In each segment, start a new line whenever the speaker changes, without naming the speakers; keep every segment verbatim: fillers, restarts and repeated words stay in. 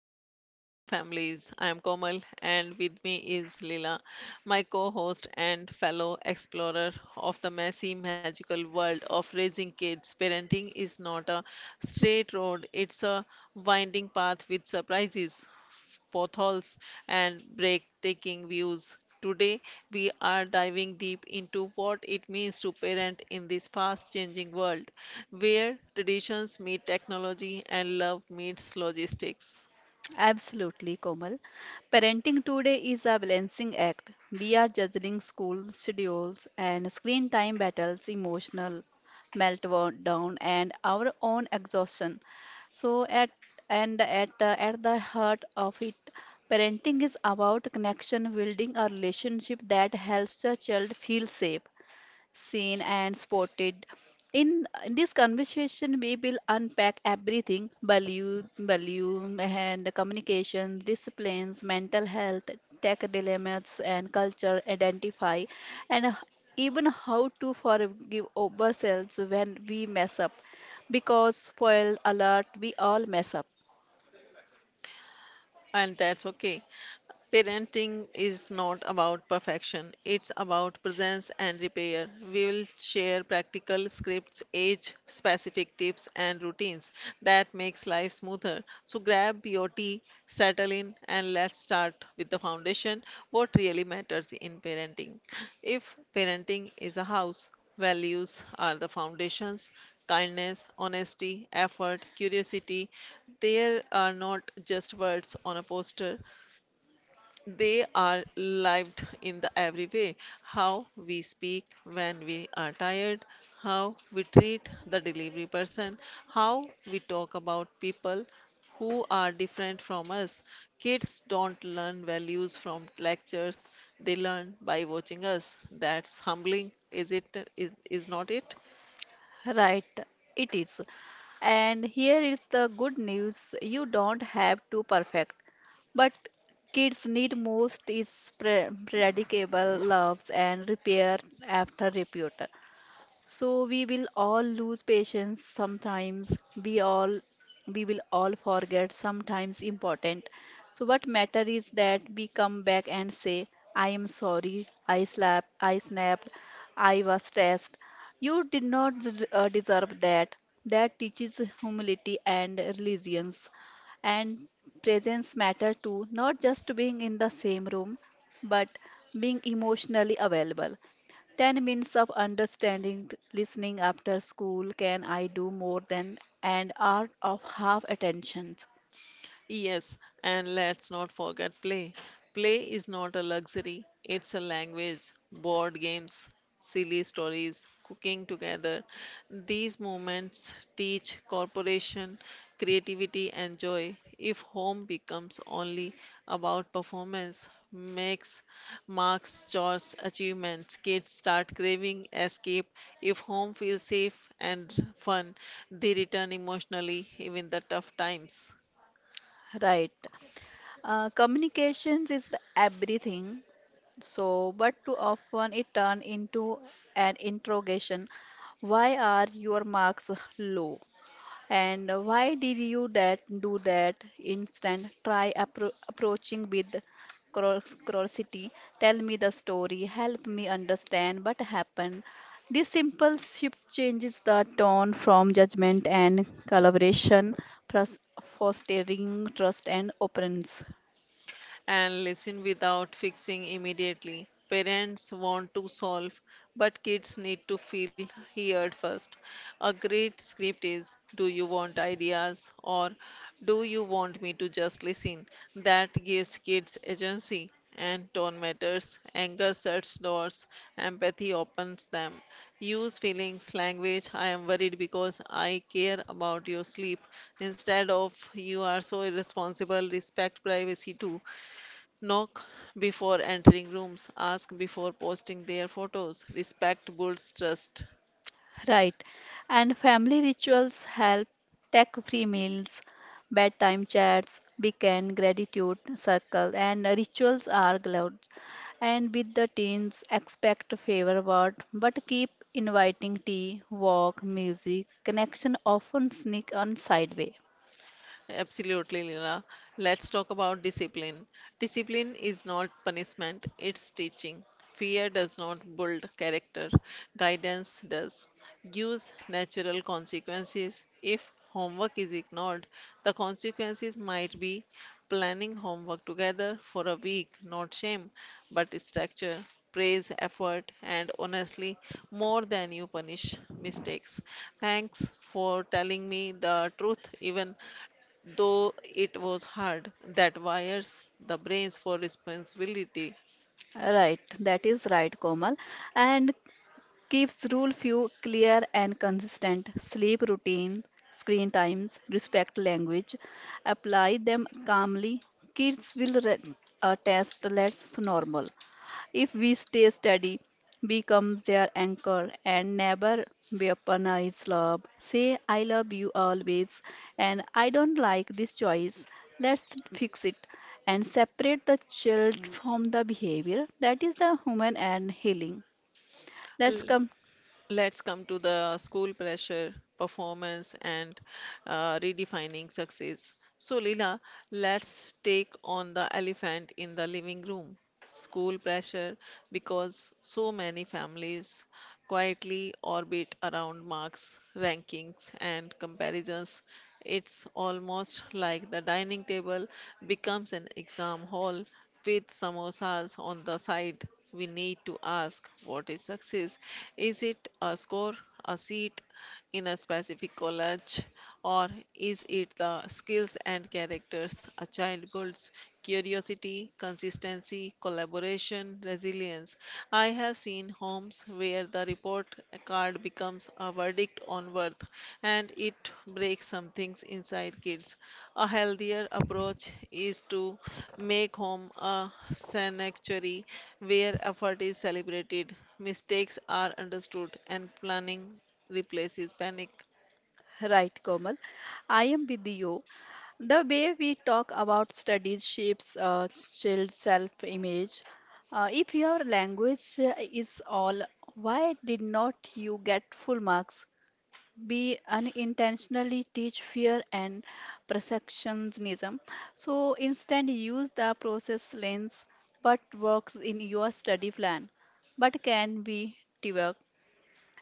talk for real families. I am Komal, and with me is Lila, my co host and fellow explorer of the messy, magical world of raising kids. Parenting is not a straight road, it's a winding path with surprises, potholes, and breathtaking views. Today, we are diving deep into what it means to parent in this fast changing world where traditions meet technology and love meets logistics.
Absolutely, Komal. Parenting today is a balancing act. We are juggling school schedules and screen time battles, emotional meltdown, and our own exhaustion. So, at and at uh, at the heart of it, parenting is about connection, building a relationship that helps the child feel safe, seen, and spotted. In this conversation, we will unpack everything value, value, and communication, disciplines, mental health, tech dilemmas, and culture, identify, and h- even how to forgive ourselves when we mess up. Because, spoil alert, we all mess up.
And that's okay. Parenting is not about perfection, it's about presence and repair. We will share practical scripts, age specific tips, and routines that makes life smoother. So grab your tea, settle in, and let's start with the foundation, what really matters in parenting. If parenting is a house, values are the foundations: kindness, honesty, effort, curiosity. There are not just words on a poster, they are lived in the every way: how we speak when we are tired, how we treat the delivery person, how we talk about people who are different from us. Kids don't learn values from lectures, they learn by watching us. That's humbling, is it? Is, is not it?
Right, it is. And here is the good news you don't have to perfect. But kids need most is pre- predictable loves and repair after repute. So we will all lose patience sometimes. We all we will all forget sometimes important. So what matter is that we come back and say, I am sorry, I slapped, I snapped, I was stressed. You did not d- uh, deserve that. That teaches humility and resilience. And presence matter too, not just being in the same room, but being emotionally available. ten minutes of understanding, listening after school. Can I do more than an hour of half attention?
Yes, and let's not forget play. Play is not a luxury, it's a language. Board games, silly stories, cooking together. These moments teach cooperation, creativity, and joy. If home becomes only about performance, makes marks, chores, achievements, kids start craving escape. If home feels safe and fun, they return emotionally, even the tough times.
Right. Uh, communications is the everything. So, but too often it turn into an interrogation. Why are your marks low? And why did you that do that? Instead, try appro approaching with curios- curiosity. Tell me the story. Help me understand what happened. This simple shift changes the tone from judgment and collaboration, pros- fostering trust and openness.
And listen without fixing immediately. Parents want to solve, but kids need to feel heard first. A great script is, do you want ideas, or do you want me to just listen? That gives kids agency. And tone matters, anger shuts doors, empathy opens them. Use feelings, language, I am worried because I care about your sleep. Instead of, you are so irresponsible, respect privacy too. Knock before entering rooms, ask before posting their photos. Respect builds trust.
Right. And family rituals help tech free meals, bedtime chats, weekend gratitude circle, and rituals are allowed. And with the teens, expect favor word, but keep inviting tea, walk, music, connection often sneak on sideway.
Absolutely, Leela. Let's talk about discipline. Discipline is not punishment, it's teaching. Fear does not build character, guidance does. Use natural consequences. If homework is ignored, the consequences might be planning homework together for a week, not shame, but structure, praise, effort, and honestly, more than you punish mistakes. Thanks for telling me the truth, even though it was hard, that wires the brains for responsibility.
Right, that is right, Komal. And keeps rule few clear and consistent. Sleep routine, screen times, respect language. Apply them calmly. Kids will re- uh, test less normal. If we stay steady, becomes their anchor and never weaponize love. Say I love you always and I don't like this choice. Let's fix it and separate the child from the behavior. That is the human and healing. Let's come
Let's come to the school pressure, performance, and uh, redefining success. So, Leela, let's take on the elephant in the living room, school pressure, because so many families quietly orbit around marks, rankings, and comparisons. It's almost like the dining table becomes an exam hall with samosas on the side. We need to ask, what is success? Is it a score, a seat in a specific college, or is it the skills and characters a child builds? Curiosity, consistency, collaboration, resilience. I have seen homes where the report card becomes a verdict on worth, and it breaks some things inside kids. A healthier approach is to make home a sanctuary where effort is celebrated, mistakes are understood, and planning replaces panic.
right, Komal. I am with you. The way we talk about studies shapes uh, child's self-image. Uh, if your language uh, is all, why did not you get full marks? We unintentionally teach fear and perfectionism. So instead, use the process lens, what works in your study plan, but can be reworked.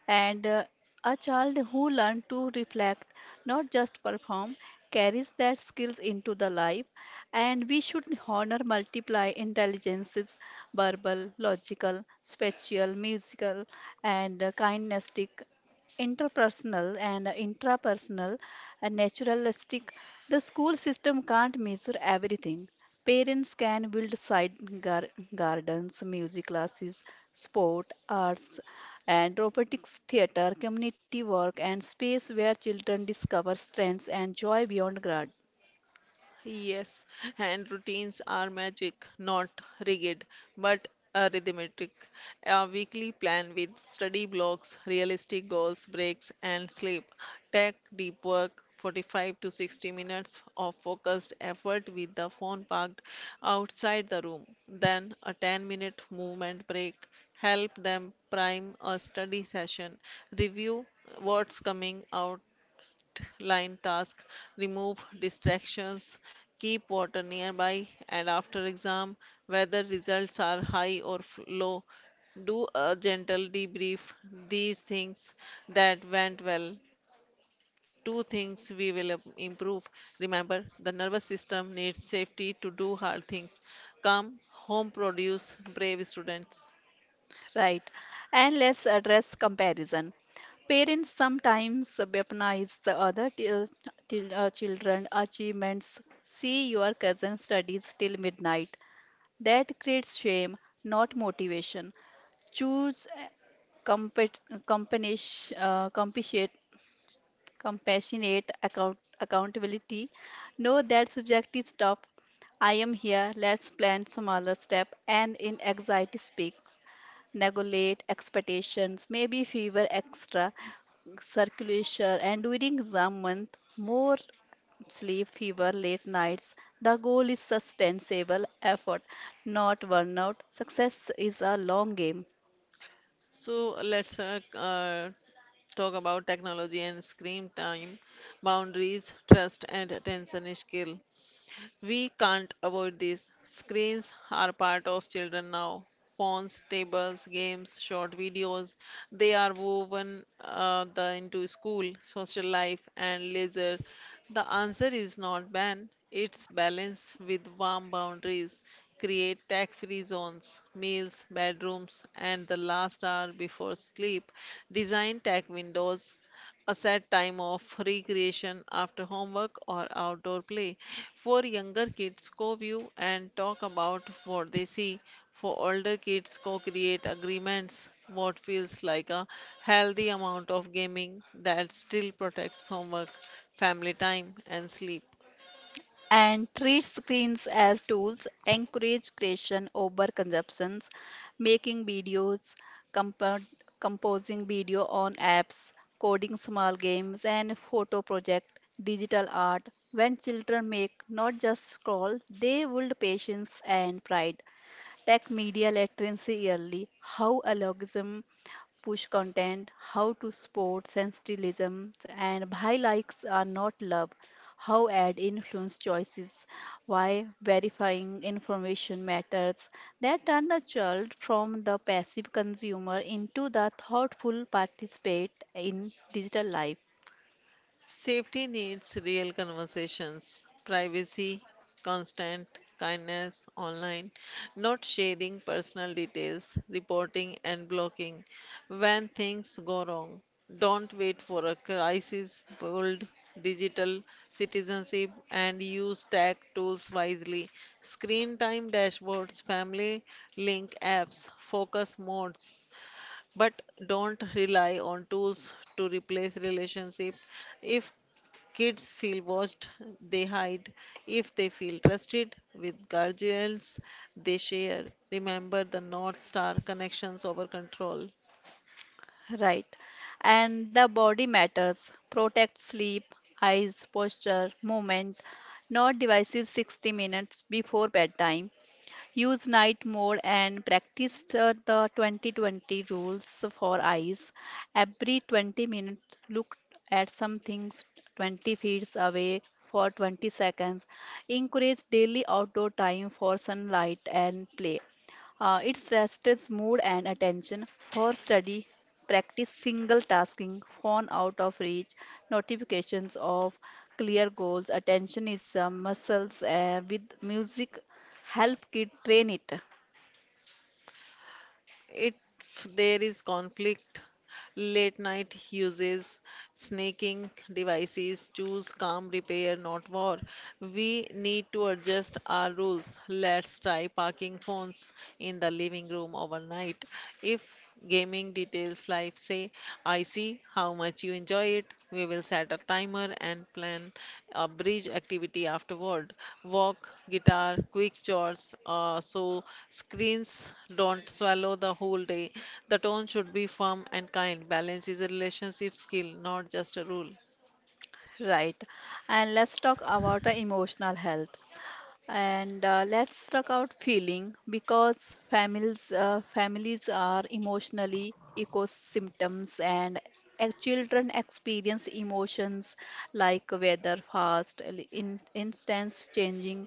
And uh, a child who learns to reflect, not just perform, carries that skills into the life. And we should honor multiply intelligences, verbal, logical, spatial, musical, and uh, kinesthetic interpersonal and intrapersonal and naturalistic. The school system can't measure everything. Parents can build side gar- gardens, music classes, sport, arts, and robotics theater, community work, and space where children discover strengths and joy beyond grad.
Yes, and routines are magic, not rigid, but uh, rhythmic. A weekly plan with study blocks, realistic goals, breaks, and sleep. Tech deep work, forty-five to sixty minutes of focused effort with the phone parked outside the room. Then a ten minute movement break. Help them prime a study session. Review what's coming out line task, remove distractions, keep water nearby, and after exam, whether results are high or f- low, do a gentle debrief. These things that went well, two things we will im- improve. Remember, the nervous system needs safety to do hard things. Calm, home produce, brave students.
Right. And let's address comparison. Parents sometimes weaponize the other til- til- uh, children achievements. See your cousin studies till midnight. That creates shame, not motivation. Choose a compet- companish- uh, compassionate, compassionate account- accountability. Know that subject is tough. I am here. Let's plan smaller step and in anxiety speak regulate expectations, maybe fever extra circulation, and during the month, more sleep, fever, late nights. The goal is sustainable effort, not burnout. Success is a long game.
So let's uh, uh, talk about technology and screen time, boundaries, trust, and attention skill. We can't avoid this. Screens are part of children now. Phones, tables, games, short videos, they are woven uh, the, into school, social life, and leisure. The answer is not ban, it's balance with warm boundaries. Create tech free zones, meals, bedrooms, and the last hour before sleep. Design tech windows, a set time of recreation after homework or outdoor play. For younger kids, co view and talk about what they see. For older kids, co create agreements, what feels like a healthy amount of gaming that still protects homework, family time, and sleep.
And treat screens as tools, encourage creation over consumptions, making videos, compo- composing video on apps, coding small games and photo project, digital art. When children make not just scroll, they build patience and pride. Tech media literacy early, how algorithm push content, how to support sensationalism, and why likes are not love, how ad influence choices, why verifying information matters that turn a child from the passive consumer into the thoughtful participant in digital life.
Safety needs real conversations, privacy, constant kindness online, not sharing personal details, reporting and blocking when things go wrong. Don't wait for a crisis, build digital citizenship and use tech tools wisely. Screen time dashboards, family link apps, focus modes, but don't rely on tools to replace relationship. If kids feel watched, they hide. If they feel trusted with guardians, they share. Remember the North Star, connections over control.
Right. And the body matters. Protect sleep, eyes, posture, movement. Not devices sixty minutes before bedtime. Use night mode and practice the the twenty twenty rules for eyes. Every twenty minutes, look at something twenty feet away for twenty seconds. Encourage daily outdoor time for sunlight and play. Uh, it stresses mood and attention. For study, practice single tasking, phone out of reach, notifications of clear goals. Attention is uh, muscles uh, with music help kid train it
If there is conflict, late night uses, snaking devices, choose calm repair, not war. We need to adjust our rules. Let's try parking phones in the living room overnight. If gaming details life, say, I see how much you enjoy it. We will set a timer and plan a bridge activity afterward. Walk, guitar, quick chores, uh, so screens don't swallow the whole day. The tone should be firm and kind. Balance is a relationship skill, not just a rule.
right and let's talk about the emotional health. And uh, let's talk about feeling because families uh, families are emotionally eco symptoms and ex- children experience emotions like weather fast, l- in instance changing.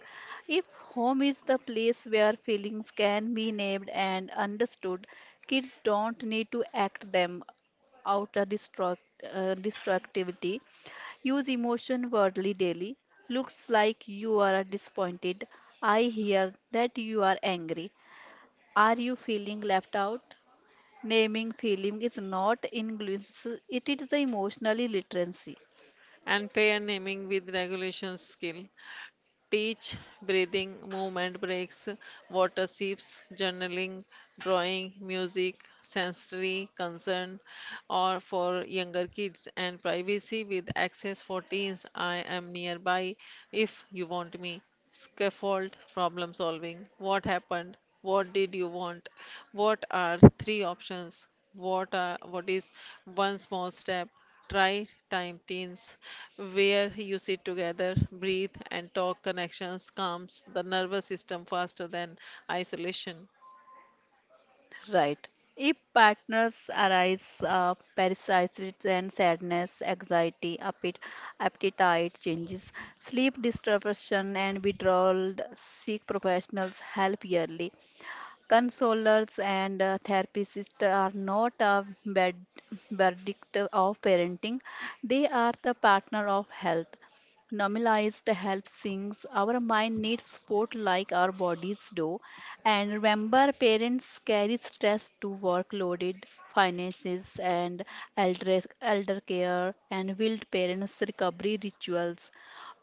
If home is the place where feelings can be named and understood, kids don't need to act them out a destruct, uh, destructivity. Use emotion wordly daily. Looks like you are disappointed. I hear that you are angry. Are you feeling left out? Naming feeling is not English, it is the emotional literacy.
And fair naming with regulation skill. Teach breathing, movement breaks, water sips, journaling, drawing, music, sensory concern or for younger kids and privacy with access for teens. I am nearby if you want me. Scaffold problem solving. What happened? What did you want? What are three options? What are what is one small step? Try time teens where you sit together, breathe, and talk. Connections calms the nervous system faster than isolation.
Right. If partners arise uh, parasites and sadness, anxiety, appet- appetite changes, sleep disruption and withdrawal, seek professionals help yearly. Consolers and uh, therapists are not a bad verdict of parenting, they are the partner of health. Normalized help sinks. Our mind needs support like our bodies do. And remember, parents carry stress to workloaded finances and elder, elder care and wild parents recovery rituals.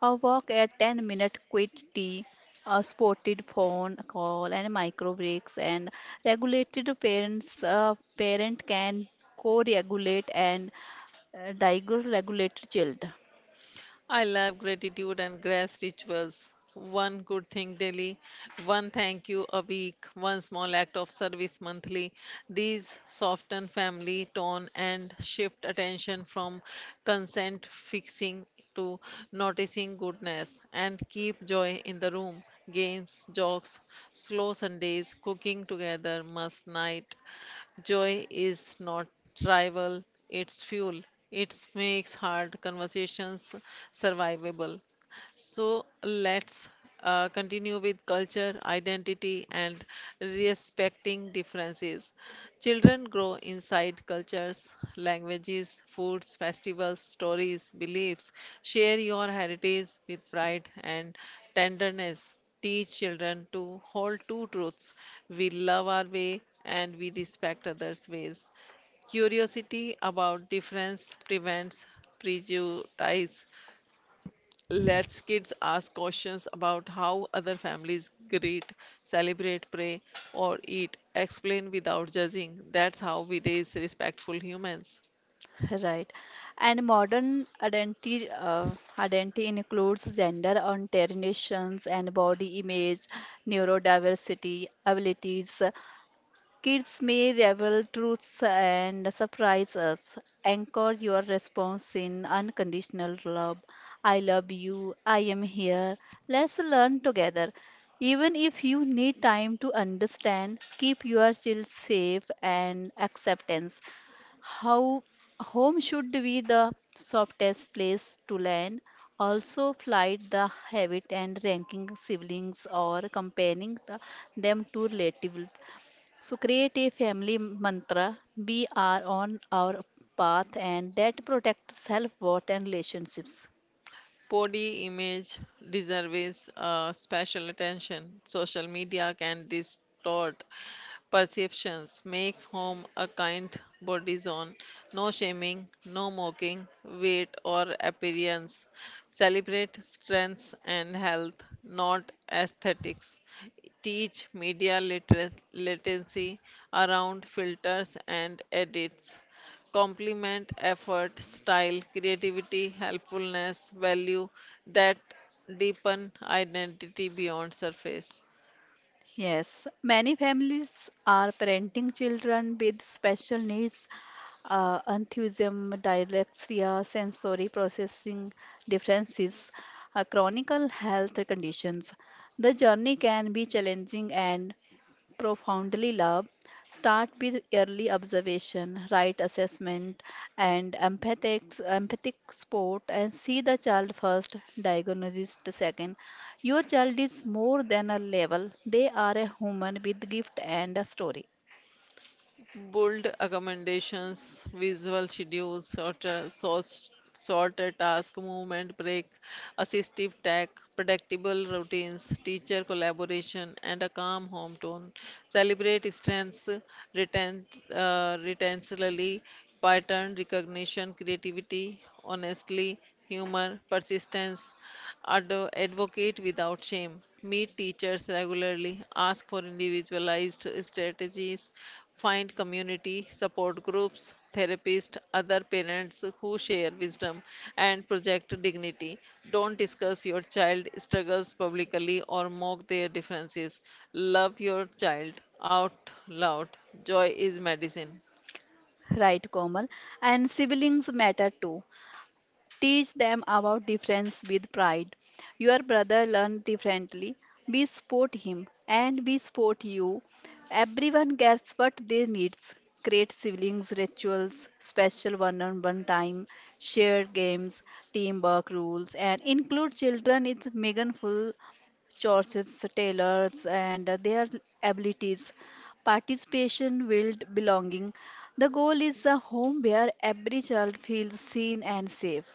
A walk at ten minute quit tea a spotted phone call and micro breaks and regulated parents uh, parent can co-regulate and uh, diagonal-regulate child
I love gratitude and grace rituals. One good thing daily, one thank you a week, one small act of service monthly. These soften family tone and shift attention from consent fixing to noticing goodness and keep joy in the room. Games, jokes, slow Sundays, cooking together, must night. Joy is not rival; it's fuel. It makes hard conversations survivable. So let's uh, continue with culture, identity, and respecting differences. Children grow inside cultures, languages, foods, festivals, stories, beliefs. Share your heritage with pride and tenderness. Teach children to hold two truths: we love our way, and we respect others' ways. Curiosity about difference prevents prejudice, lets kids ask questions about how other families greet, celebrate, pray, or eat. Explain without judging. That's how we raise respectful humans.
right and modern identity uh, identity includes gender orientations and body image neurodiversity abilities. Kids may reveal truths and surprise us. Anchor your response in unconditional love. I love you. I am here. Let's learn together. Even if you need time to understand, keep your child safe and acceptance. How home should be the softest place to land. Also, flight the habit and ranking siblings or comparing the, them to relatives so create a family mantra. We are on our path and that protects self-worth and relationships.
Body image deserves uh, special attention. Social media can distort perceptions. Make home a kind body zone. No shaming, no mocking, weight or appearance. Celebrate strengths and health, not aesthetics. Teach media literacy literacy around filters and edits, compliment effort, style, creativity, helpfulness, value that deepen identity beyond surface.
Yes, many families are parenting children with special needs, uh, enthusiasm, dyslexia, sensory processing differences, uh, chronic health conditions. The journey can be challenging and profoundly love, start with early observation, right assessment, and empathic, empathic support, and see the child first, diagnosis second. Your child is more than a level, they are a human with gift and a story.
Bold accommodations, visual schedules, sorter, sort- sorter task, movement break, assistive tech, predictable routines, teacher collaboration, and a calm home tone. Celebrate strengths, retent, uh, retentionally, pattern recognition, creativity, honestly, humor, persistence, Ad- advocate without shame. Meet teachers regularly. Ask for individualized strategies. Find community, support groups, therapists, other parents who share wisdom and project dignity. Don't discuss your child struggles publicly or mock their differences. Love your child out loud. Joy is medicine.
Right, Komal. And siblings matter too. Teach them about difference with pride. Your brother learns differently. We support him and we support you. Everyone gets what they needs. Create siblings rituals, special one-on-one time, shared games, teamwork rules, and include children in meaningful churches, tailors, and their abilities. Participation builds belonging. The goal is a home where every child feels seen and safe.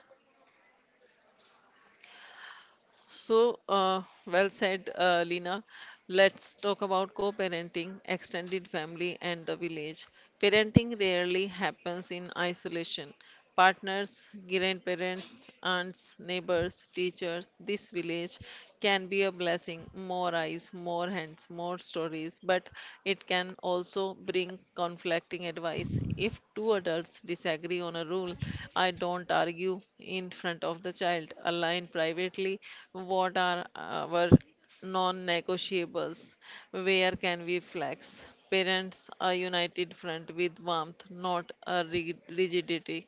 So, uh, well said, uh, Lina. Let's talk about co-parenting, extended family, and the village. Parenting rarely happens in isolation. Partners, grandparents, aunts, neighbors, teachers, this village can be a blessing. More eyes, more hands, more stories. But it can also bring conflicting advice. If two adults disagree on a rule, I don't argue in front of the child. Align privately, what are our non negotiables, where can we flex. Parents are united front with warmth, not a rig- rigidity.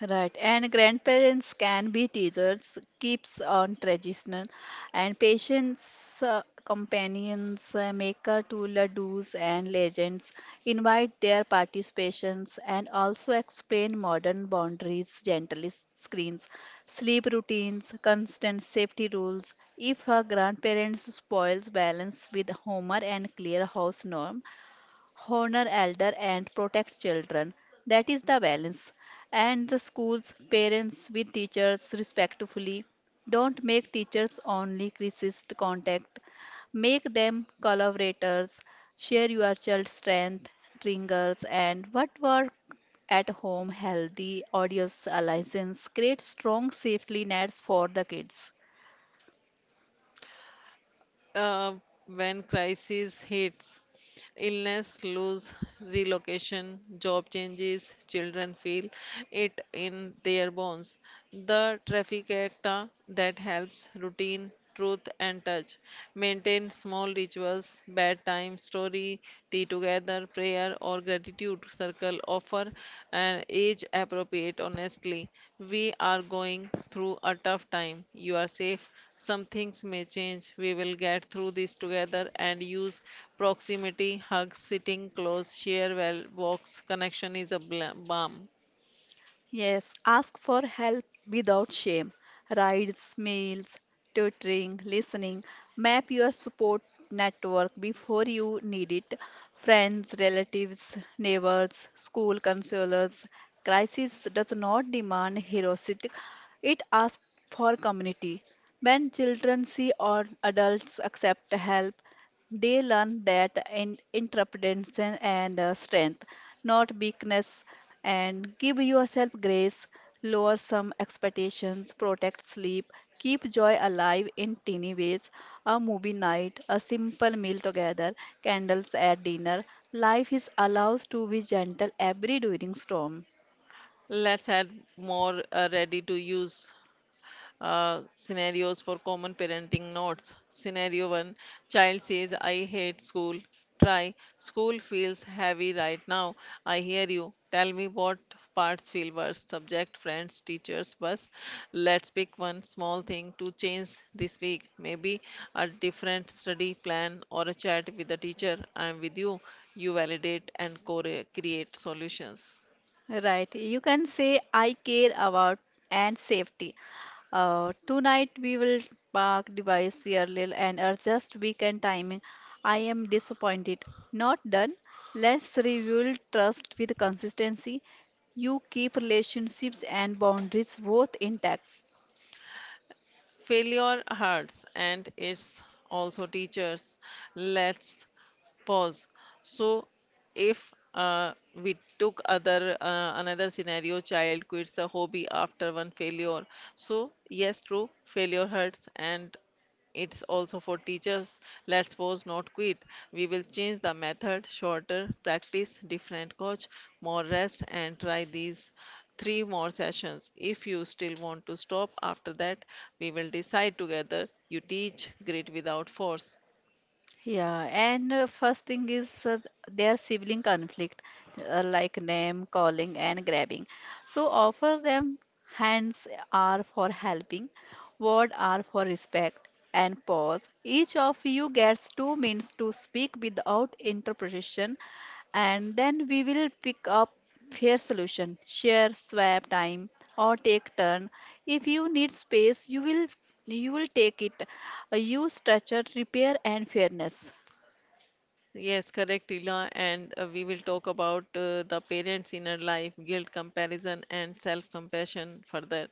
Right, and grandparents can be teachers, keeps on traditional, and patients, uh, companions, uh, maker to ladoos and legends, invite their participations and also explain modern boundaries, gently screens, sleep routines, constant safety rules. If her grandparents spoils balance with humor and clear house norm, honor elder and protect children that is the balance and the schools parents with teachers respectfully don't make teachers only crisis contact make them collaborators share your child's strength triggers and what work at home healthy audience alliance create strong safety nets for the kids.
uh, when crisis hits, illness, lose, relocation, job changes, children feel it in their bones. The trifecta that helps, routine, truth, and touch. Maintain small rituals, bedtime story, tea together, whether prayer or gratitude circle. Offer an age appropriate, honestly. We are going through a tough time. You are safe. Some things may change. We will get through this together, and use proximity, hugs, sitting close, share well walks. Connection is a bla- balm.
Yes, ask for help without shame. Rides, meals, tutoring, listening. Map your support network before you need it. Friends, relatives, neighbors, school counselors. Crisis does not demand heroicity, it asks for community. When children see or adults accept help, they learn that in independence and uh, strength, not weakness, and give yourself grace, lower some expectations, protect sleep, keep joy alive in teeny ways. A movie night, a simple meal together, candles at dinner. Life is allows to be gentle every during storm.
Let's add more uh, ready to use uh, scenarios for common parenting notes. Scenario one, child says, I hate school. Try. School feels heavy right now. I hear you. Tell me what parts feel worst, subject, friends, teachers, bus. Let's pick one small thing to change this week. Maybe a different study plan or a chat with the teacher. I am with you. You validate and core- create solutions.
Right. You can say, I care about and safety. Uh, tonight we will park device yearly and adjust weekend timing. I am disappointed. Not done. Let's rebuild trust with consistency. You keep relationships and boundaries both intact.
Failure hurts and it's also teachers. Let's pause. So if uh, we took other uh, another scenario, child quits a hobby after one failure. So yes, true, failure hurts and it's also for teachers. Let's pause, not quit. We will change the method, shorter practice, different coach, more rest, and try these three more sessions. If you still want to stop after that, we will decide together. You teach grit without force.
Yeah, and uh, First thing is uh, their sibling conflict, uh, like name calling and grabbing. So offer them hands are for helping, word are for respect, and pause. Each of you gets two minutes to speak without interpretation, and then we will pick up fair solution. Share swap time or take turn. If you need space, you will you will take it. Uh, Use structure, repair and fairness.
Yes, correct, Ila. And uh, we will talk about uh, the parents' inner life, guilt, comparison, and self-compassion further.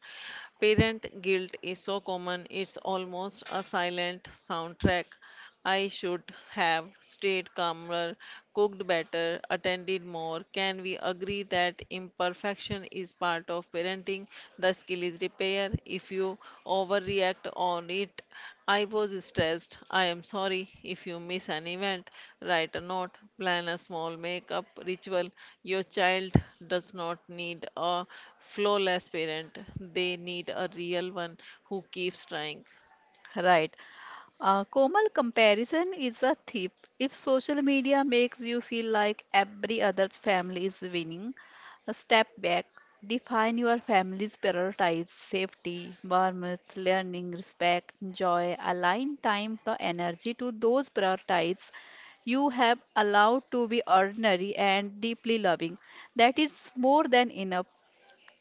Parent guilt is so common, it's almost a silent soundtrack. I should have stayed calmer, cooked better, attended more. Can we agree that imperfection is part of parenting? The skill is repair. If you overreact on it. I was stressed. I am sorry if you miss an event. Write a note, plan a small makeup ritual. Your child does not need a flawless parent, they need a real one who keeps trying.
Right. Uh, Komal, comparison is a thief. If social media makes you feel like every other family is winning, step back. Define your family's priorities, safety, warmth, learning, respect, joy. Align time, the energy to those priorities you have allowed to be ordinary and deeply loving. That is more than enough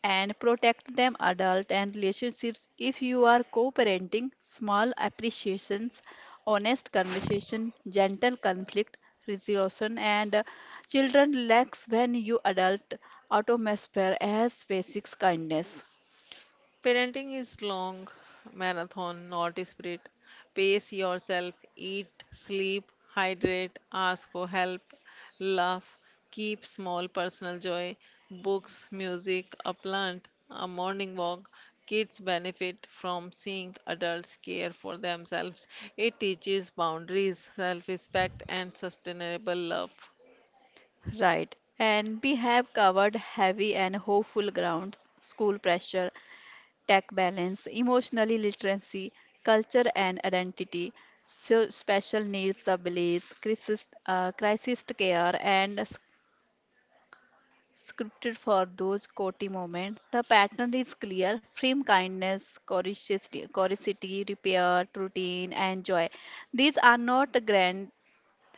and protect them adult and relationships if you are co-parenting small appreciations honest conversation gentle conflict resolution and uh, children lacks when you adult atmosphere as basics kindness
Parenting is long marathon, not a sprint. Pace yourself, eat, sleep, hydrate, ask for help, laugh, keep small personal joy, books, music, a plant, a morning walk. Kids benefit from seeing adults care for themselves. It teaches boundaries, self respect, and sustainable love.
right and we have covered heavy and hopeful grounds school pressure tech balance, emotionally literacy, culture and identity, so special needs abilities, crisis, uh, crisis care, and s- scripted for those quality moments. The pattern is clear: frame kindness, curiosity, curiosity, repair, routine, and joy. These are not grand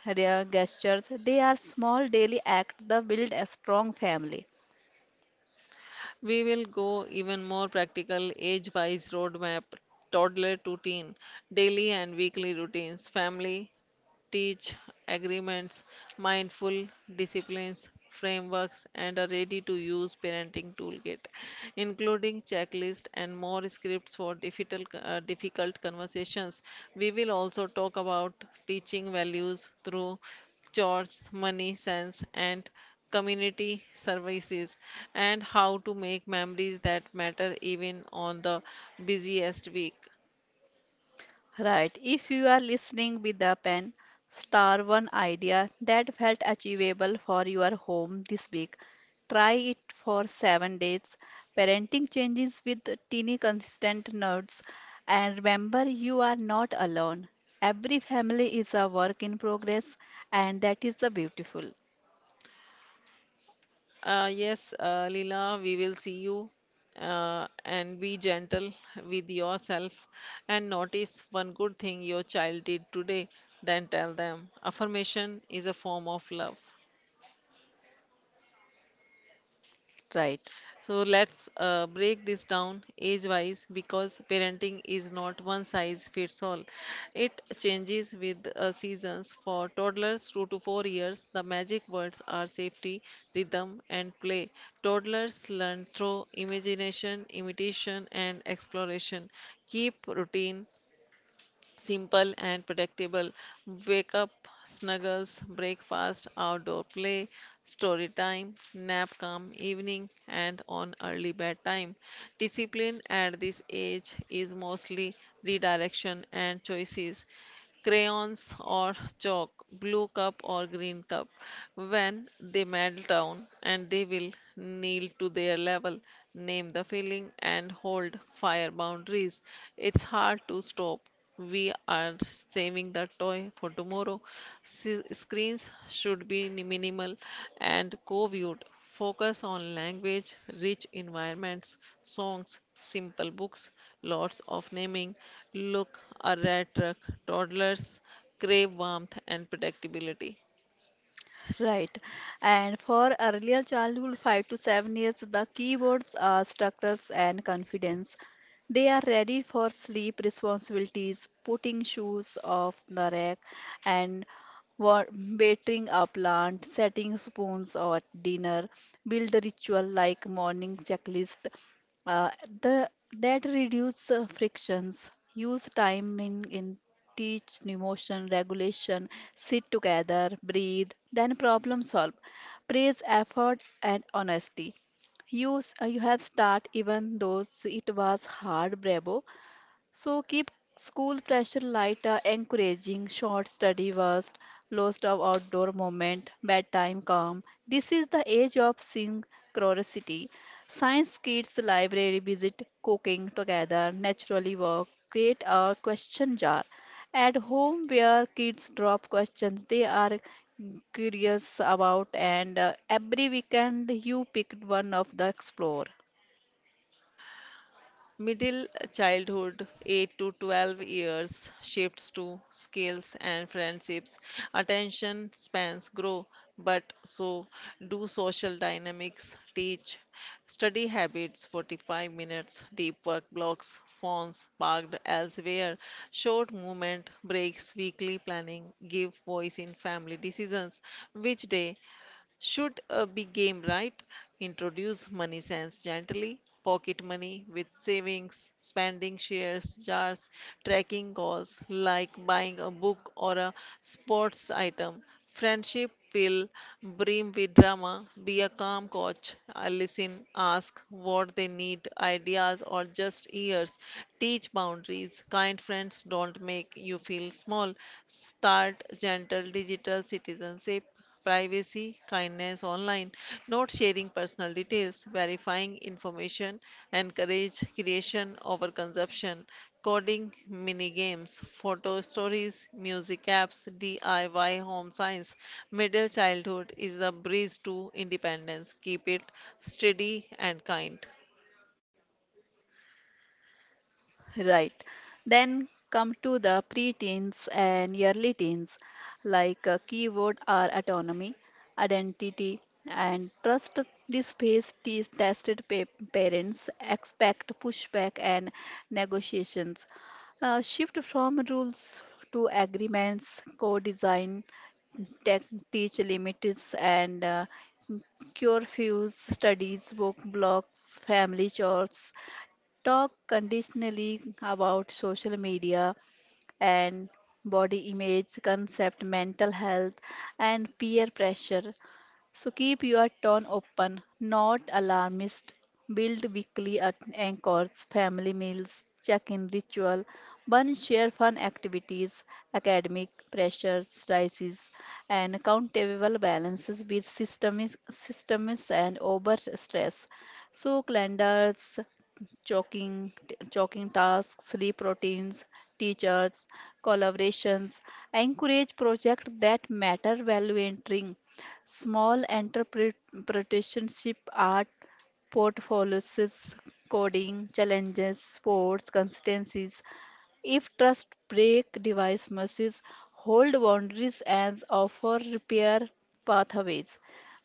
rare gestures; they are small daily acts that build a strong family.
We will go even more practical, age wise roadmap, toddler to teen, daily and weekly routines, family teach agreements, mindful disciplines, frameworks, and a ready to use parenting toolkit, including checklist and more scripts for difficult, uh, difficult conversations. We will also talk about teaching values through chores, money sense, and community services, and how to make memories that matter even on the busiest week.
Right. If you are listening with a pen, star one idea that felt achievable for your home this week. Try it for seven days. Parenting changes with teeny consistent notes. And remember, you are not alone. Every family is a work in progress, and that is the beautiful.
Uh, yes, uh, Leela, we will see you. Uh, and be gentle with yourself and notice one good thing your child did today, then tell them. Affirmation is a form of love.
Right.
So let's uh, break this down age wise because parenting is not one size fits all. It changes with uh, seasons. For toddlers two to four years, the magic words are safety, rhythm, and play. Toddlers learn through imagination, imitation, and exploration. Keep routine simple and predictable wake up snuggles breakfast outdoor play story time nap come evening and on early bedtime discipline at this age is mostly redirection and choices crayons or chalk, blue cup or green cup. When they melt down and they will kneel to their level, name the feeling and hold fire boundaries. It's hard to stop. We are saving the toy for tomorrow. S- screens should be minimal and co-viewed. Focus on language, rich environments, songs, simple books, lots of naming. Look, a rat truck. Toddlers crave warmth and predictability.
Right. And for earlier childhood, five to seven years, the keywords are structures and confidence. They are ready for sleep responsibilities, putting shoes off the rack, and wa- watering a plant, setting spoons at dinner, build a ritual like morning checklist, uh, the that reduce uh, frictions, use time in, in teach emotion regulation, sit together, breathe, then problem solve. Praise effort and honesty. Use uh, you have start even though it was hard, bravo. So keep school pressure light, uh, encouraging short study worst, lost of outdoor moment, bedtime calm. This is the age of synchronicity. Science kids library visit, cooking together, naturally work, create a question jar. At home where kids drop questions they are curious about, and uh, every weekend you pick one of the explore.
Middle childhood, eight to twelve years, shifts to skills and friendships. Attention spans grow, but so do social dynamics, teach, study habits, forty-five minutes, deep work blocks, phones parked elsewhere, short movement breaks, weekly planning, give voice in family decisions, which day should uh, be game right. Introduce money sense gently, pocket money with savings, spending shares jars, tracking goals like buying a book or a sports item. Friendship will brim with drama. Be a calm coach. I listen, ask what they need, ideas or just ears. Teach boundaries. Kind friends don't make you feel small. Start gentle digital citizenship privacy, kindness online, not sharing personal details, verifying information, encourage creation over consumption, coding, mini games, photo stories, music apps, D I Y home science. Middle childhood is the breeze to independence. Keep it steady and kind.
Right. Then come to the preteens and early teens, like uh, keyword are autonomy, identity, and trust. This phase is tested pa- parents expect pushback and negotiations. Uh, shift from rules to agreements, co-design, tech, teach limits, and uh, cure fews studies, work blocks, family chores, talk conditionally about social media and body image concept, mental health, and peer pressure. So keep your tone open, not alarmist. Build weekly at- anchors, family meals, check-in ritual, one share fun activities, academic pressures rises, and accountable balances with systems, systems and over stress. So calendars, chalking, t- chalking tasks, sleep routines, teachers, collaborations. I encourage projects that matter value entering small entrepreneurship art portfolios, coding challenges, sports, consistencies, if trust break, device must hold boundaries and offer repair pathways.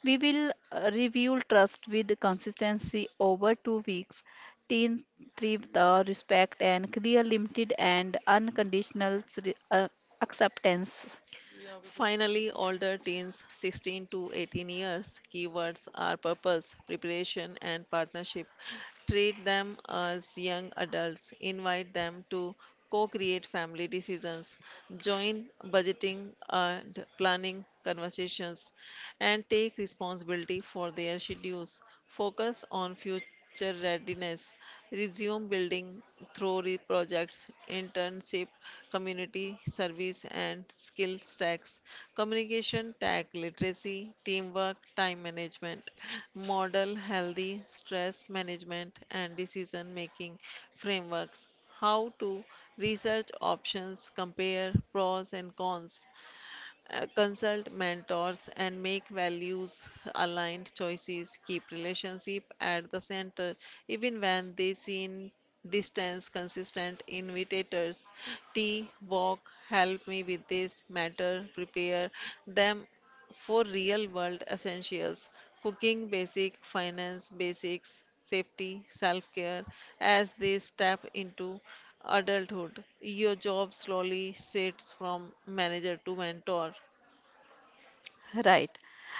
We will uh, review trust with consistency over two weeks. Teens thrive the respect and clear, limited, and unconditional s- re- uh, acceptance.
Finally, older teens sixteen to eighteen years keywords are purpose, preparation, and partnership. Treat them as young adults. Invite them to co create family decisions. Join budgeting and planning conversations and take responsibility for their schedules. Focus on future readiness. Resume building through re- projects, internship, community service, and skill stacks. Communication, tech literacy, teamwork, time management. Model healthy stress management and decision making frameworks how to research options, compare pros and cons, uh, consult mentors and make values aligned choices keep relationship at the center even when they seem distance consistent invitators tea walk help me with this matter prepare them for real world essentials cooking basic finance basics safety self care as they step into adulthood your job slowly shifts from manager to mentor.
Right.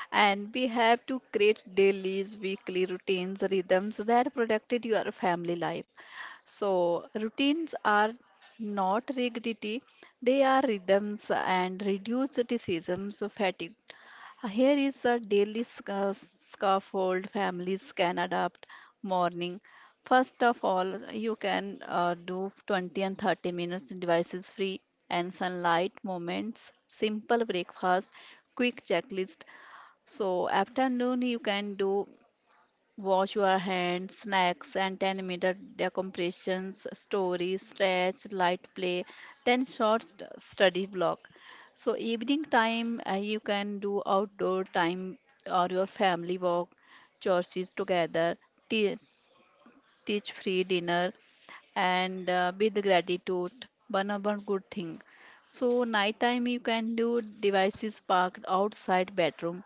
And we have to create dailies, weekly routines, rhythms that protected your family life. So routines are not rigidity, they are rhythms and reduce diseases, fatigue. uh, Here is a daily sca- scaffold families can adapt morning. First of all, you can uh, do twenty and thirty minutes devices free and sunlight moments, simple breakfast, quick checklist. So afternoon you can do wash your hands, snacks, and ten minute decompressions, stories, stretch, light play, ten short st- study block. So, evening time, uh, you can do outdoor time or your family walk, churches together, tea- teach free dinner, and uh, with gratitude one of one good thing. So nighttime you can do devices parked outside bedroom,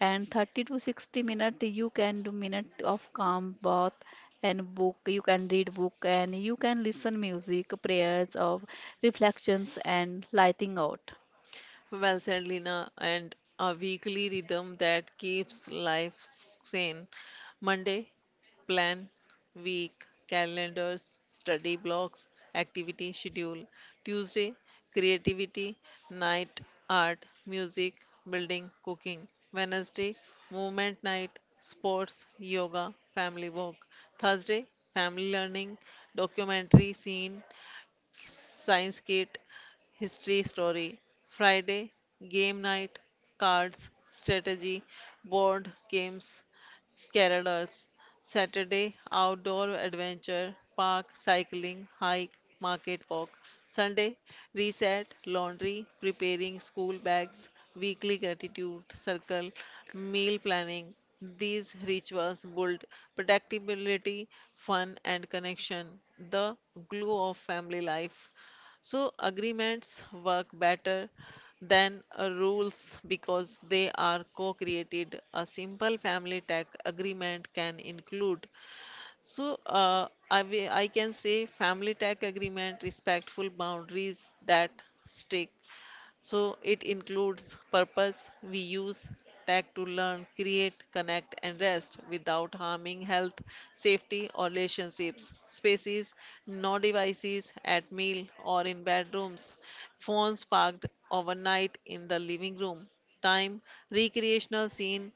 and thirty to sixty minute you can do minute of calm bath, and book you can read book, and you can listen music prayers of reflections and lighting out.
Well said, Lina, and a weekly rhythm that keeps life sane. Monday, plan, week, calendars, study blocks, activity schedule. Tuesday, creativity, night, art, music, building, cooking. Wednesday, movement night, sports, yoga, family walk. Thursday, family learning, documentary scene, science kit, history story, Friday, game night, cards, strategy, board games, Kerala's Saturday outdoor adventure, park, cycling, hike, market walk. Sunday reset, laundry, preparing school bags, weekly gratitude circle, meal planning. These rituals build predictability fun, and connection, the glue of family life. So, agreements work better than uh, rules because they are co-created. A simple family tax agreement can include. So uh, I, wi- I can say family tax agreement, respectful boundaries that stick, so it includes purpose. We use tech to learn, create, connect, and rest without harming health, safety, or relationships. Spaces, no devices at meal or in bedrooms. Phones parked overnight in the living room. Time, recreational scene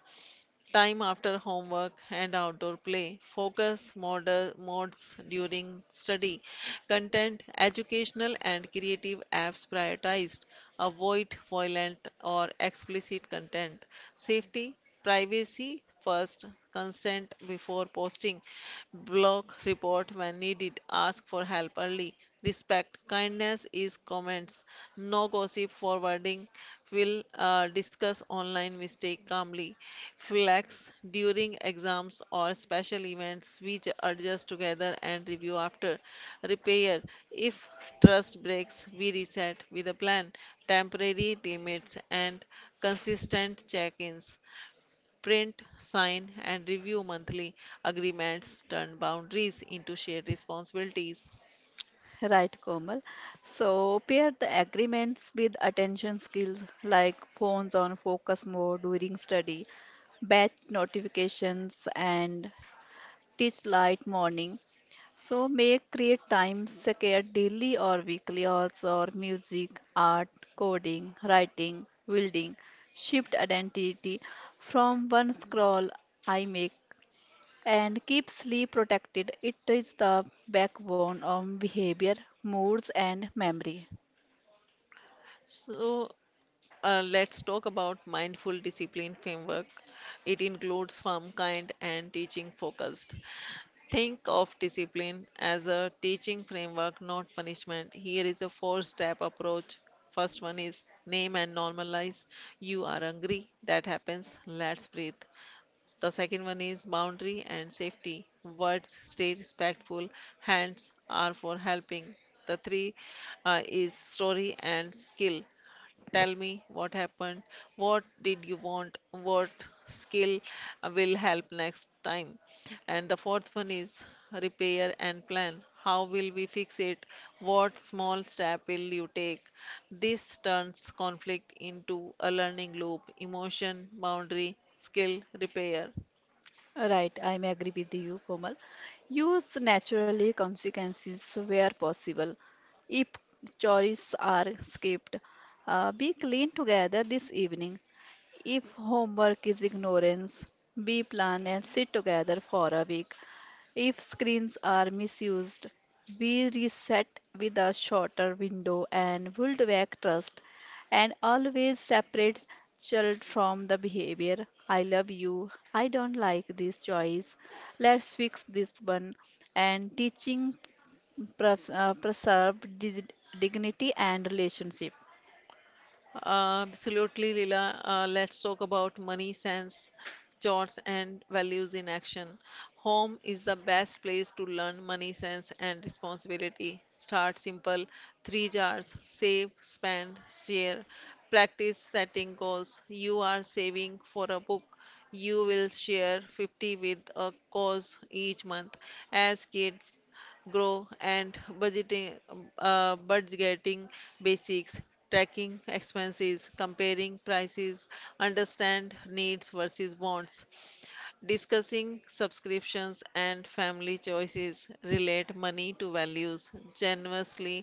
Time after homework and outdoor play, focus mod- modes during study, content, educational and creative apps prioritized, avoid violent or explicit content, safety, privacy first, consent before posting, block report when needed, ask for help early, respect, kindness is comments, no gossip forwarding, will uh, discuss online mistake calmly. Flex during exams or special events, which adjust together and review after. Repair if trust breaks, we reset with a plan. Temporary limits and consistent check ins. Print, sign, and review monthly agreements turn boundaries into shared responsibilities.
Right, Komal. So pair the agreements with attention skills like phones on focus mode during study, batch notifications, and teach light morning. So make create time scared daily or weekly also, or music, art, coding, writing, building. Shift identity from one scroll I make and keep sleep protected. It is the backbone of behavior, moods, and memory.
So, uh, let's talk about mindful discipline framework. It includes firm, kind, and teaching focused. Think of discipline as a teaching framework, not punishment. Here is a four step approach. First one is name and normalize. You are hungry, that happens, let's breathe. The second one is boundary and safety. Words stay respectful, hands are for helping. The three uh, is story and skill. Tell me what happened, what did you want, what skill will help next time. And the fourth one is repair and plan. How will we fix it? What small step will you take? This turns conflict into a learning loop emotion, boundary, skill, repair.
Right, I may agree with you, Komal. Use naturally consequences where possible. If chores are skipped, uh, be clean together this evening. If homework is ignorance, be plan and sit together for a week. If screens are misused, we reset with a shorter window and build back trust, and always separate child from the behavior. I love you. I don't like this choice. Let's fix this one. And teaching pref- uh, preserve dig- dignity and relationship.
Absolutely, Lila. Uh, let's talk about money sense, charts, and values in action. Home is the best place to learn money sense and responsibility. Start simple three jars save, spend, share. Practice setting goals. You are saving for a book. You will share fifty with a cause each month. As kids, grow and budgeting uh, budgeting basics tracking expenses comparing prices understand needs versus wants discussing subscriptions and family choices relate money to values generously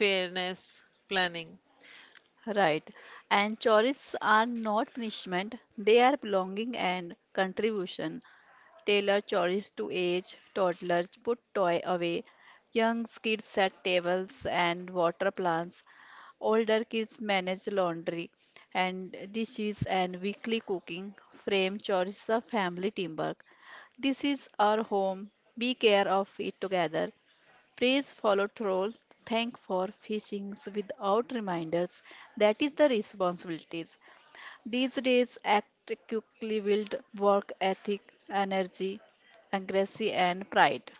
fairness planning.
Right. And choices are not punishment, they are belonging and contribution. Tailor chores to age, toddlers put toy away, young kids set tables and water plants, older kids manage laundry and dishes and weekly cooking, frame chores of family teamwork. This is our home. Be care of it together. Praise follow trolls. Thank for fishings without reminders. That is the responsibilities. These days, act quickly build work ethic, energy, accuracy, and pride.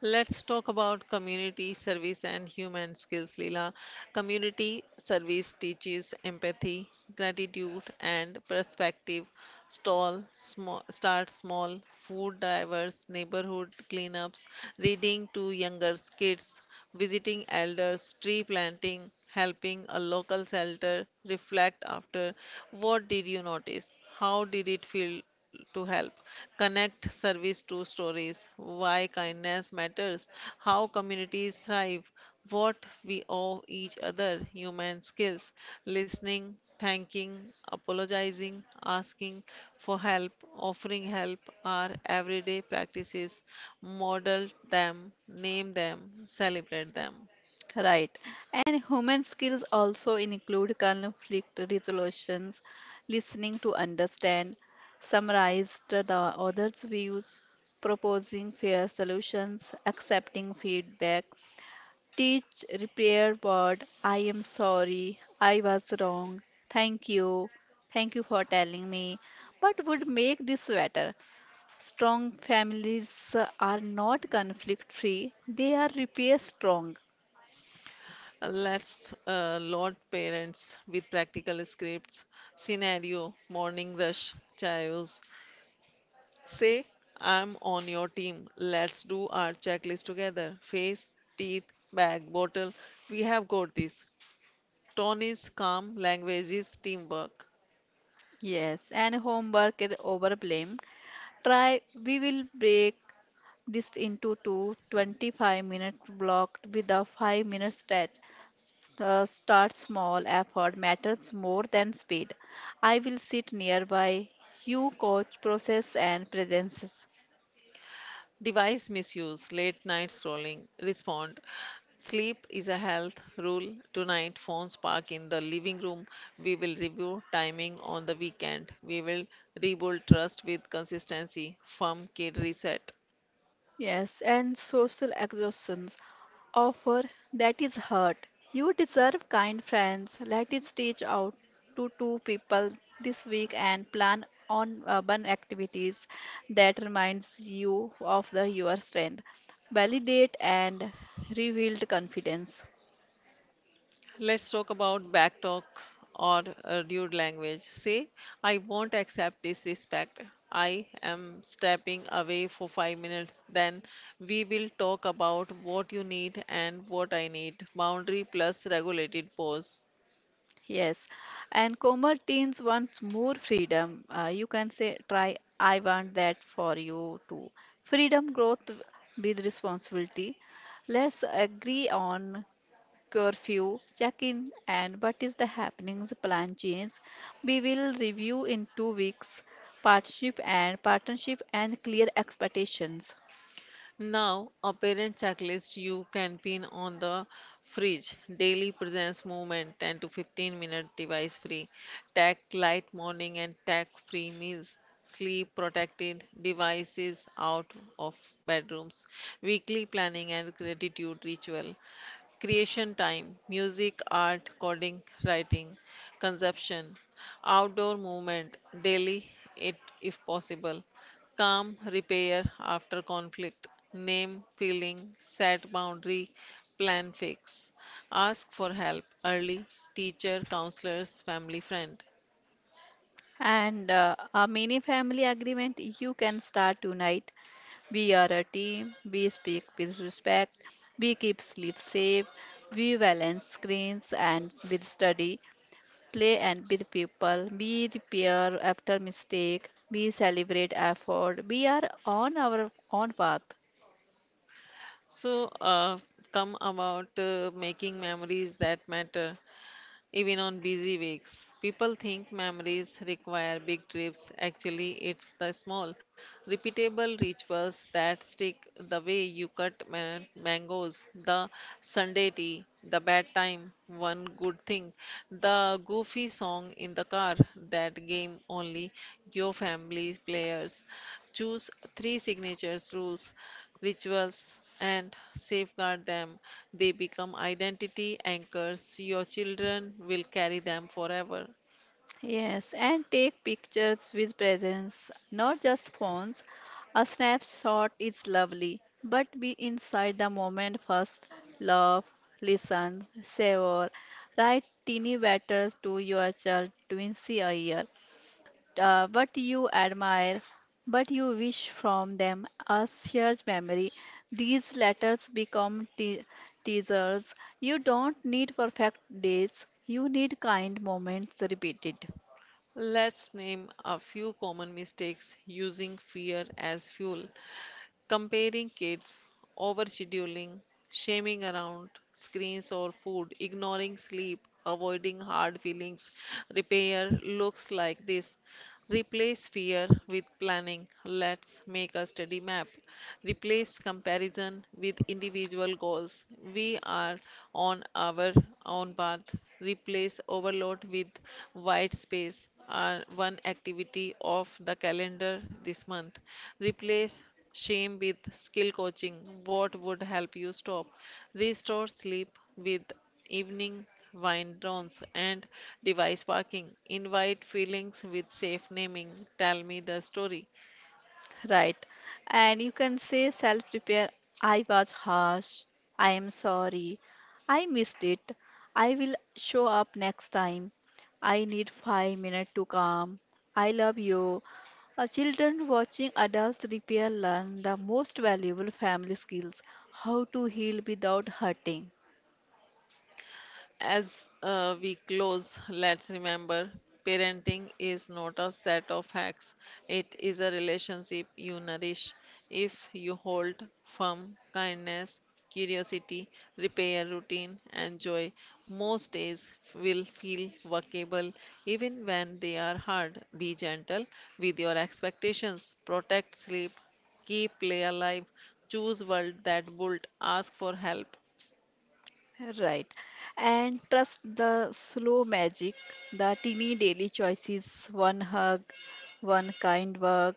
Let's talk about community service and human skills, Leela. Community service teaches empathy, gratitude, and perspective. Stall, small, start small, food drivers, neighborhood cleanups, reading to younger kids, visiting elders, tree planting, helping a local shelter. Reflect after what did you notice? How did it feel to help connect service to stories, why kindness matters, how communities thrive, what we owe each other, human skills, listening, thanking, apologizing, asking for help, offering help are everyday practices. Model them, name them, celebrate them.
Right. And human skills also include conflict resolutions, listening to understand, summarize the the other's views, proposing fair solutions, accepting feedback, teach repair word, I am sorry, I was wrong, thank you, thank you for telling me. What would make this better? Strong families uh, are not conflict free, they are repair strong.
Let's uh, load parents with practical scripts, scenario, morning rush, chaos, Say, I'm on your team. Let's do our checklist together. Face, teeth, bag, bottle. We have got this. Tone is calm, language is teamwork.
Yes, and homework and over blame. Try, we will break this into two twenty-five minute block with a five minute stretch. The start small effort matters more than speed. I will sit nearby. You coach process and presences.
Device misuse, late night scrolling. Respond. Sleep is a health rule. Tonight, phones park in the living room. We will review timing on the weekend. We will rebuild trust with consistency. Firm kid reset.
Yes, and social exhaustions offer that is hurt. You deserve kind friends. Let us reach out to two people this week and plan on urban activities that reminds you of the your strength. Validate and rebuild confidence.
Let's talk about backtalk or uh, rude language. Say, I won't accept disrespect. I am stepping away for five minutes. Then we will talk about what you need and what I need. Boundary plus regulated pause.
Yes, and Komal teens want more freedom. Uh, you can say, try, I want that for you too. Freedom growth with responsibility. Let's agree on curfew, check-in, and what is the happenings plan change. We will review in two weeks partnership and partnership and clear expectations.
Now, a parent checklist you can pin on the fridge. Daily presence movement ten to fifteen minute device free. Tech light morning and tech free meals. Sleep protected devices out of bedrooms. Weekly planning and gratitude ritual. Creation time, music, art, coding, writing, consumption, outdoor movement, daily it if possible, calm, repair after conflict, name, feeling, set boundary, plan fix, ask for help early, teacher, counselors, family, friend.
And uh, a mini family agreement you can start tonight. We are a team, we speak with respect, we keep sleep safe, we balance screens and with study, play and with people, we repair after mistake, we celebrate effort, we are on our own path.
So, uh, come about uh, making memories that matter. Even on busy weeks. People think memories require big trips. Actually, it's the small, repeatable rituals that stick the way you cut ma- mangoes, the Sunday tea, the bad time, one good thing, the goofy song in the car, that game only your family players. Choose three signatures rules rituals, and safeguard them. They become identity anchors. Your children will carry them forever.
Yes, and take pictures with presence, not just phones. A snapshot is lovely, but be inside the moment first. Love, listen, savor. Write teeny letters to your child twins a year. Uh, what you admire, but you wish from them a shared memory. These letters become te- teasers. You don't need perfect days. You need kind moments repeated.
Let's name a few common mistakes using fear as fuel. Comparing kids, overscheduling, shaming around screens or food, ignoring sleep, avoiding hard feelings. Repair looks like this Replace fear with planning. Let's make a study map. Replace comparison with individual goals. We are on our own path. Replace overload with white space. Are one activity of the calendar this month. Replace shame with skill coaching. What would help you stop? Restore sleep with evening wine downs, and device parking. Invite feelings with safe naming. Tell me the story.
Right. And you can say self repair. I was harsh. I am sorry. I missed it. I will show up next time. I need five minutes to calm. I love you. Uh, children watching adults repair learn the most valuable family skills, how to heal without hurting.
As uh, we close, let's remember parenting is not a set of hacks, it is a relationship you nourish. If you hold firm kindness, curiosity, repair routine, and joy, most days will feel workable even when they are hard. Be gentle with your expectations, protect sleep, keep play alive, choose world that bold, ask for help.
Right. And trust the slow magic, the teeny daily choices, one hug, one kind word,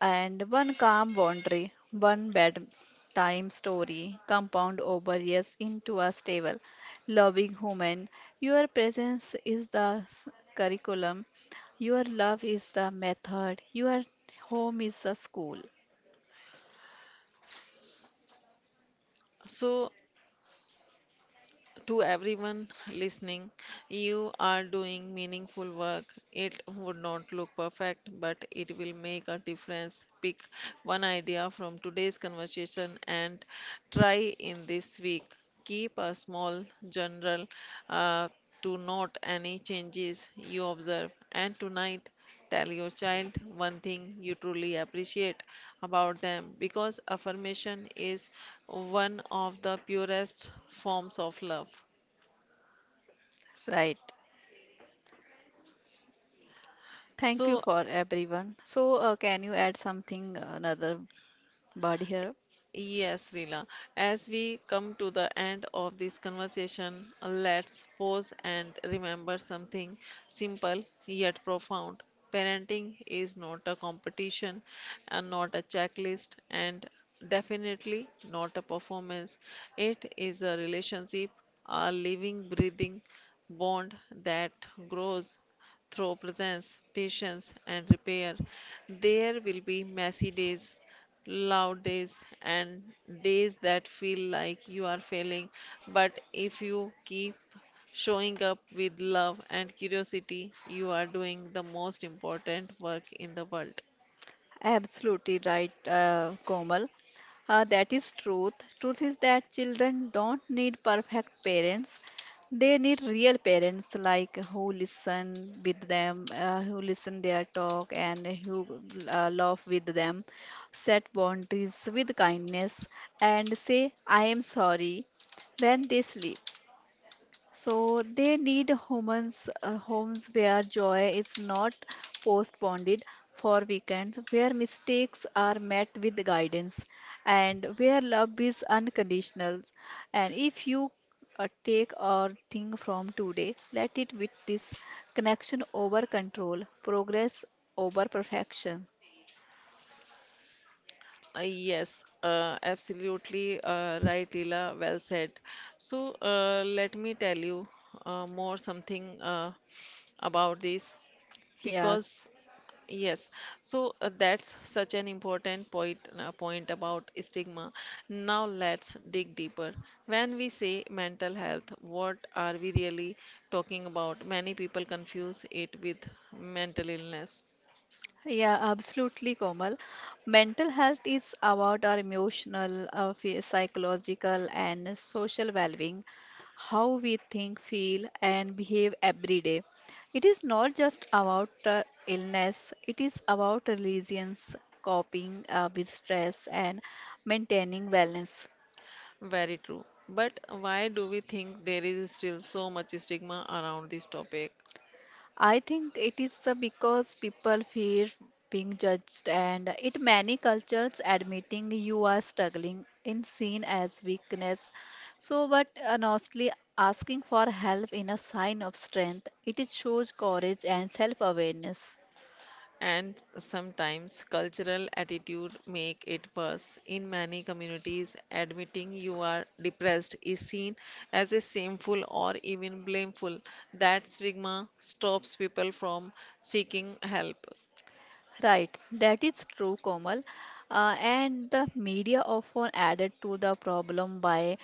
and one calm boundary, one bedtime story, compound over years into a stable, loving human. Your presence is the s- curriculum, your love is the method, your home is a school.
So To everyone listening, you are doing meaningful work. It would not look perfect, but it will make a difference. Pick one idea from today's conversation and try in this week. Keep a small journal uh, to note any changes you observe. And tonight, tell your child one thing you truly appreciate about them because affirmation is one of the purest forms of love.
Right. Thank you
So,
for everyone. So, uh, can you add something, another word here?
yes, Rila. As we come to the end of this conversation, let's pause and remember something simple yet profound. Parenting is not a competition and not a checklist and definitely not a performance. It is a relationship, a living, breathing bond that grows through presence, patience, and repair. There will be messy days, loud days and days that feel like you are failing. But if you keep showing up with love and curiosity, you are doing the most important work in the world.
Absolutely right, uh, Komal. Uh, that is truth. Truth is that children don't need perfect parents. They need real parents like who listen with them, uh, who listen their talk, and who uh, love with them. Set boundaries with kindness and say, "I am sorry" when they sleep. So they need homes, uh, homes where joy is not postponed for weekends, where mistakes are met with guidance, and where love is unconditional. And if you uh, take or think from today, let it with this connection over control, progress over perfection.
Uh, yes, uh, absolutely uh, right, Leela. Well said. So uh, let me tell you uh, more something uh, about this
Yes.
because yes, so uh, that's such an important point, uh, point about stigma. Now let's dig deeper. When we say mental health, what are we really talking about? Many people confuse it with mental illness.
Yeah, absolutely, Komal. Mental health is about our emotional, uh, phy- psychological, and social well-being, how we think, feel, and behave every day. It is not just about uh, illness, it is about resilience, coping uh, with stress, and maintaining balance.
Very true. But why do we think there is still so much stigma around this topic?
I think it is uh, because people fear being judged, and in many cultures, admitting you are struggling is seen as weakness. So, but uh, honestly, asking for help in a sign of strength, it is shows courage and self-awareness.
And sometimes cultural attitude make it worse in many communities admitting you are depressed is seen as a shameful or even blameful, that stigma stops people from seeking help.
Right, that is true, Komal. Uh, and the media often added to the problem by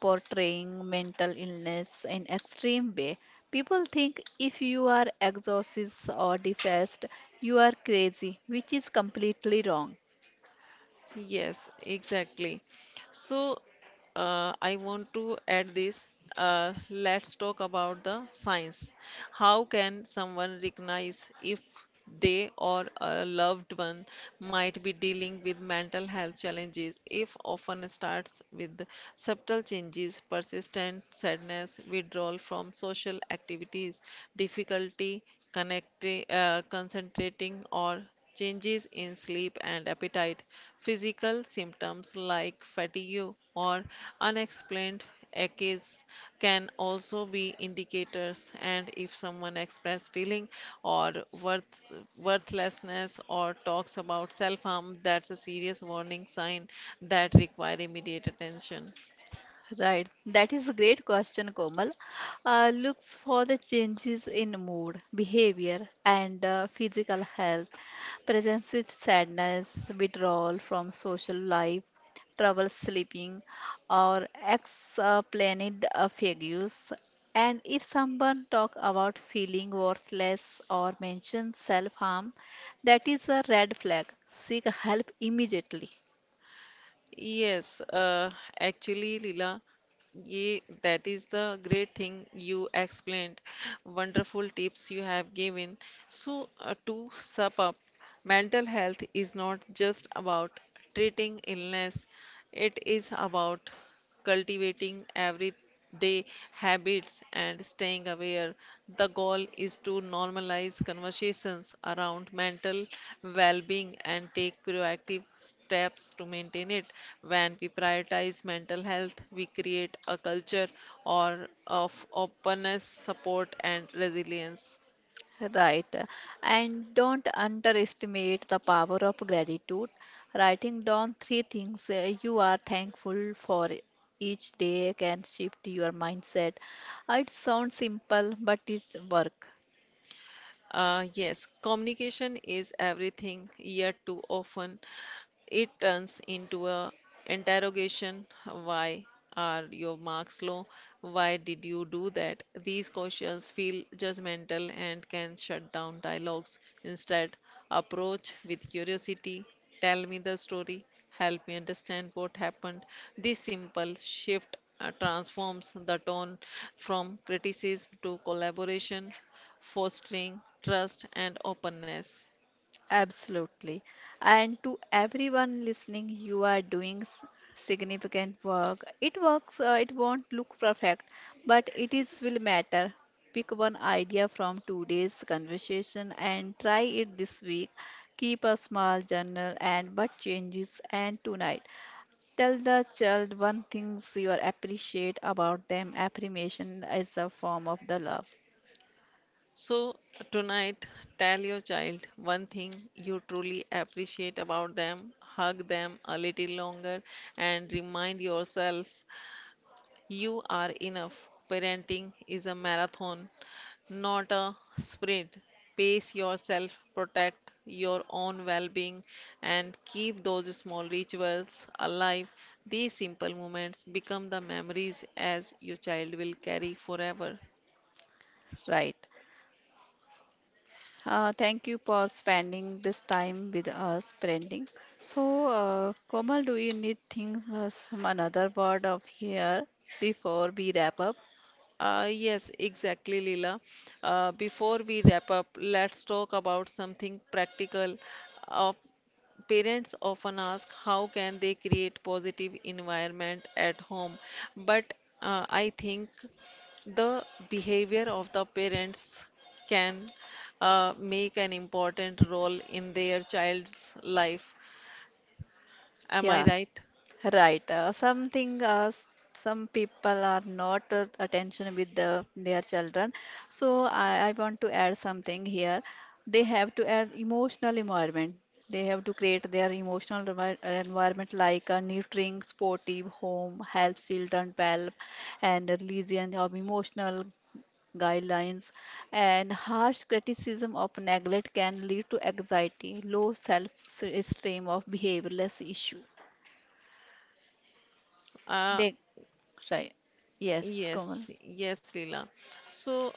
portraying mental illness in extreme way. People think if you are exhausted or depressed, you are crazy, which is completely wrong.
Yes, exactly. So, uh, I want to add this. Uh, let's talk about the science. How can someone recognize if they or a loved one might be dealing with mental health challenges? If often starts with subtle changes, persistent sadness, withdrawal from social activities, difficulty connecting, uh, concentrating, or changes in sleep and appetite, physical symptoms like fatigue or unexplained aches can also be indicators, and if someone expresses feeling or worth, worthlessness or talks about self-harm, that's a serious warning sign that require immediate attention.
Right, that is a great question, Komal. Uh, looks for the changes in mood, behavior, and uh, physical health, presence with sadness, withdrawal from social life, trouble sleeping, or explained affairs. And if someone talk about feeling worthless or mention self-harm, that is a red flag. Seek help immediately.
Yes, uh, actually, Leela, ye, that is the great thing you explained. Wonderful tips you have given. So, uh, to sum up, mental health is not just about treating illness, it is about cultivating everyday habits and staying aware. The goal is to normalize conversations around mental well being and take proactive steps to maintain it. When we prioritize mental health, we create a culture or of openness, support, and resilience.
Right. And don't underestimate the power of gratitude. Writing down three things uh, you are thankful for each day can shift your mindset. Uh, It sounds simple, but it's work.
Uh, yes, communication is everything, yet too often it turns into a interrogation. Why are your marks low? Why did you do that? These questions feel judgmental and can shut down dialogues. Instead, approach with curiosity. Tell me the story. Help me understand what happened. This simple shift uh, transforms the tone from criticism to collaboration, fostering trust and openness.
Absolutely. And to everyone listening, you are doing s- significant work. It works, uh, it won't look perfect, but it is will matter. Pick one idea from today's conversation and try it this week. Keep a small journal and what changes and tonight. Tell the child one things you are appreciate about them. Affirmation is a form of the love,
So, tonight, tell your child one thing you truly appreciate about them, hug them a little longer, and remind yourself you are enough. Parenting is a marathon, not a sprint. Pace yourself, protect your own well being, and keep those small rituals alive. These simple moments become the memories as your child will carry forever.
right? Uh, thank you for spending this time with us, Branding. So, uh, Komal, do you need things, uh, some another word of here before we wrap up?
Uh, yes, exactly, Leela. Uh, before we wrap up, let's talk about something practical. Uh, Parents often ask how can they create positive environment at home, but uh, I think the behavior of the parents can uh, make an important role in their child's life. Am I
Yeah.
right?
Right. Uh, something uh, s- some people are not uh, attention with the, their children. So I, I want to add something here. They have to add emotional environment. They have to create their emotional envi- uh, environment like a nurturing, sportive home, helps children develop, and religion of emotional guidelines. And harsh criticism of neglect can lead to anxiety, low self-esteem of behaviorless issue.
Uh,
They right. Yes,
yes,
Komal.
yes, Leela. So,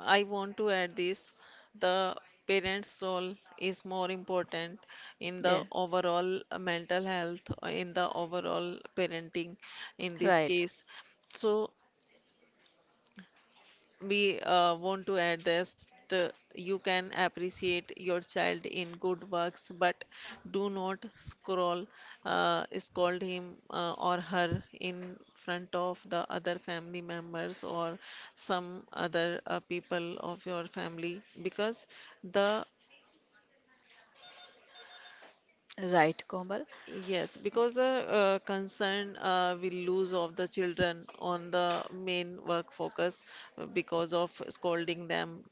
I want to add this, the parents' role is more important in
Yeah.
the overall mental health, in the overall parenting in this
Right.
case. So, we uh, want to add this t- you can appreciate your child in good works, but do not scroll uh, scold him uh, or her in front of the other family members or some other uh, people of your family because the
Right, Komal.
yes, because the uh, concern uh, will lose of the children on the main work focus uh, because of scolding them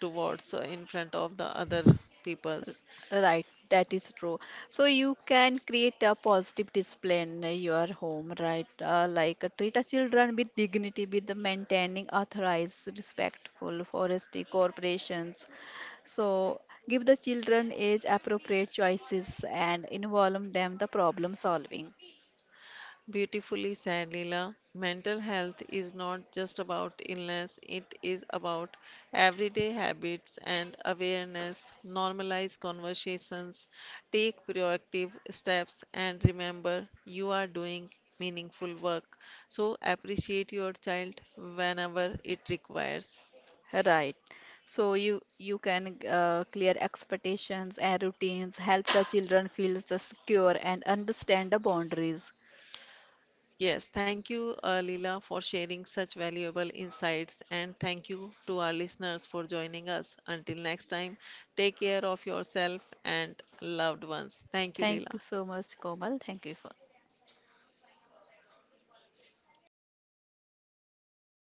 towards uh, in front of the other peoples.
Right. That is true. So you can create a positive display in your home, right? Uh, like uh, treat a children with dignity, with maintaining authorized, respectful forestry corporations. So give the children age appropriate choices and involve them the problem solving.
Beautifully said, Leela. Mental health is not just about illness, it is about everyday habits and awareness. Normalize conversations, take proactive steps, and remember you are doing meaningful work. So, appreciate your child whenever it requires.
Right. So you you can uh, clear expectations and routines, help the children feel the secure and understand the boundaries.
Yes, thank you, uh, Leela, for sharing such valuable insights, and thank you to our listeners for joining us. Until next time, take care of yourself and loved ones. Thank you,
Thank you
Leela.
so much, Komal. Thank you for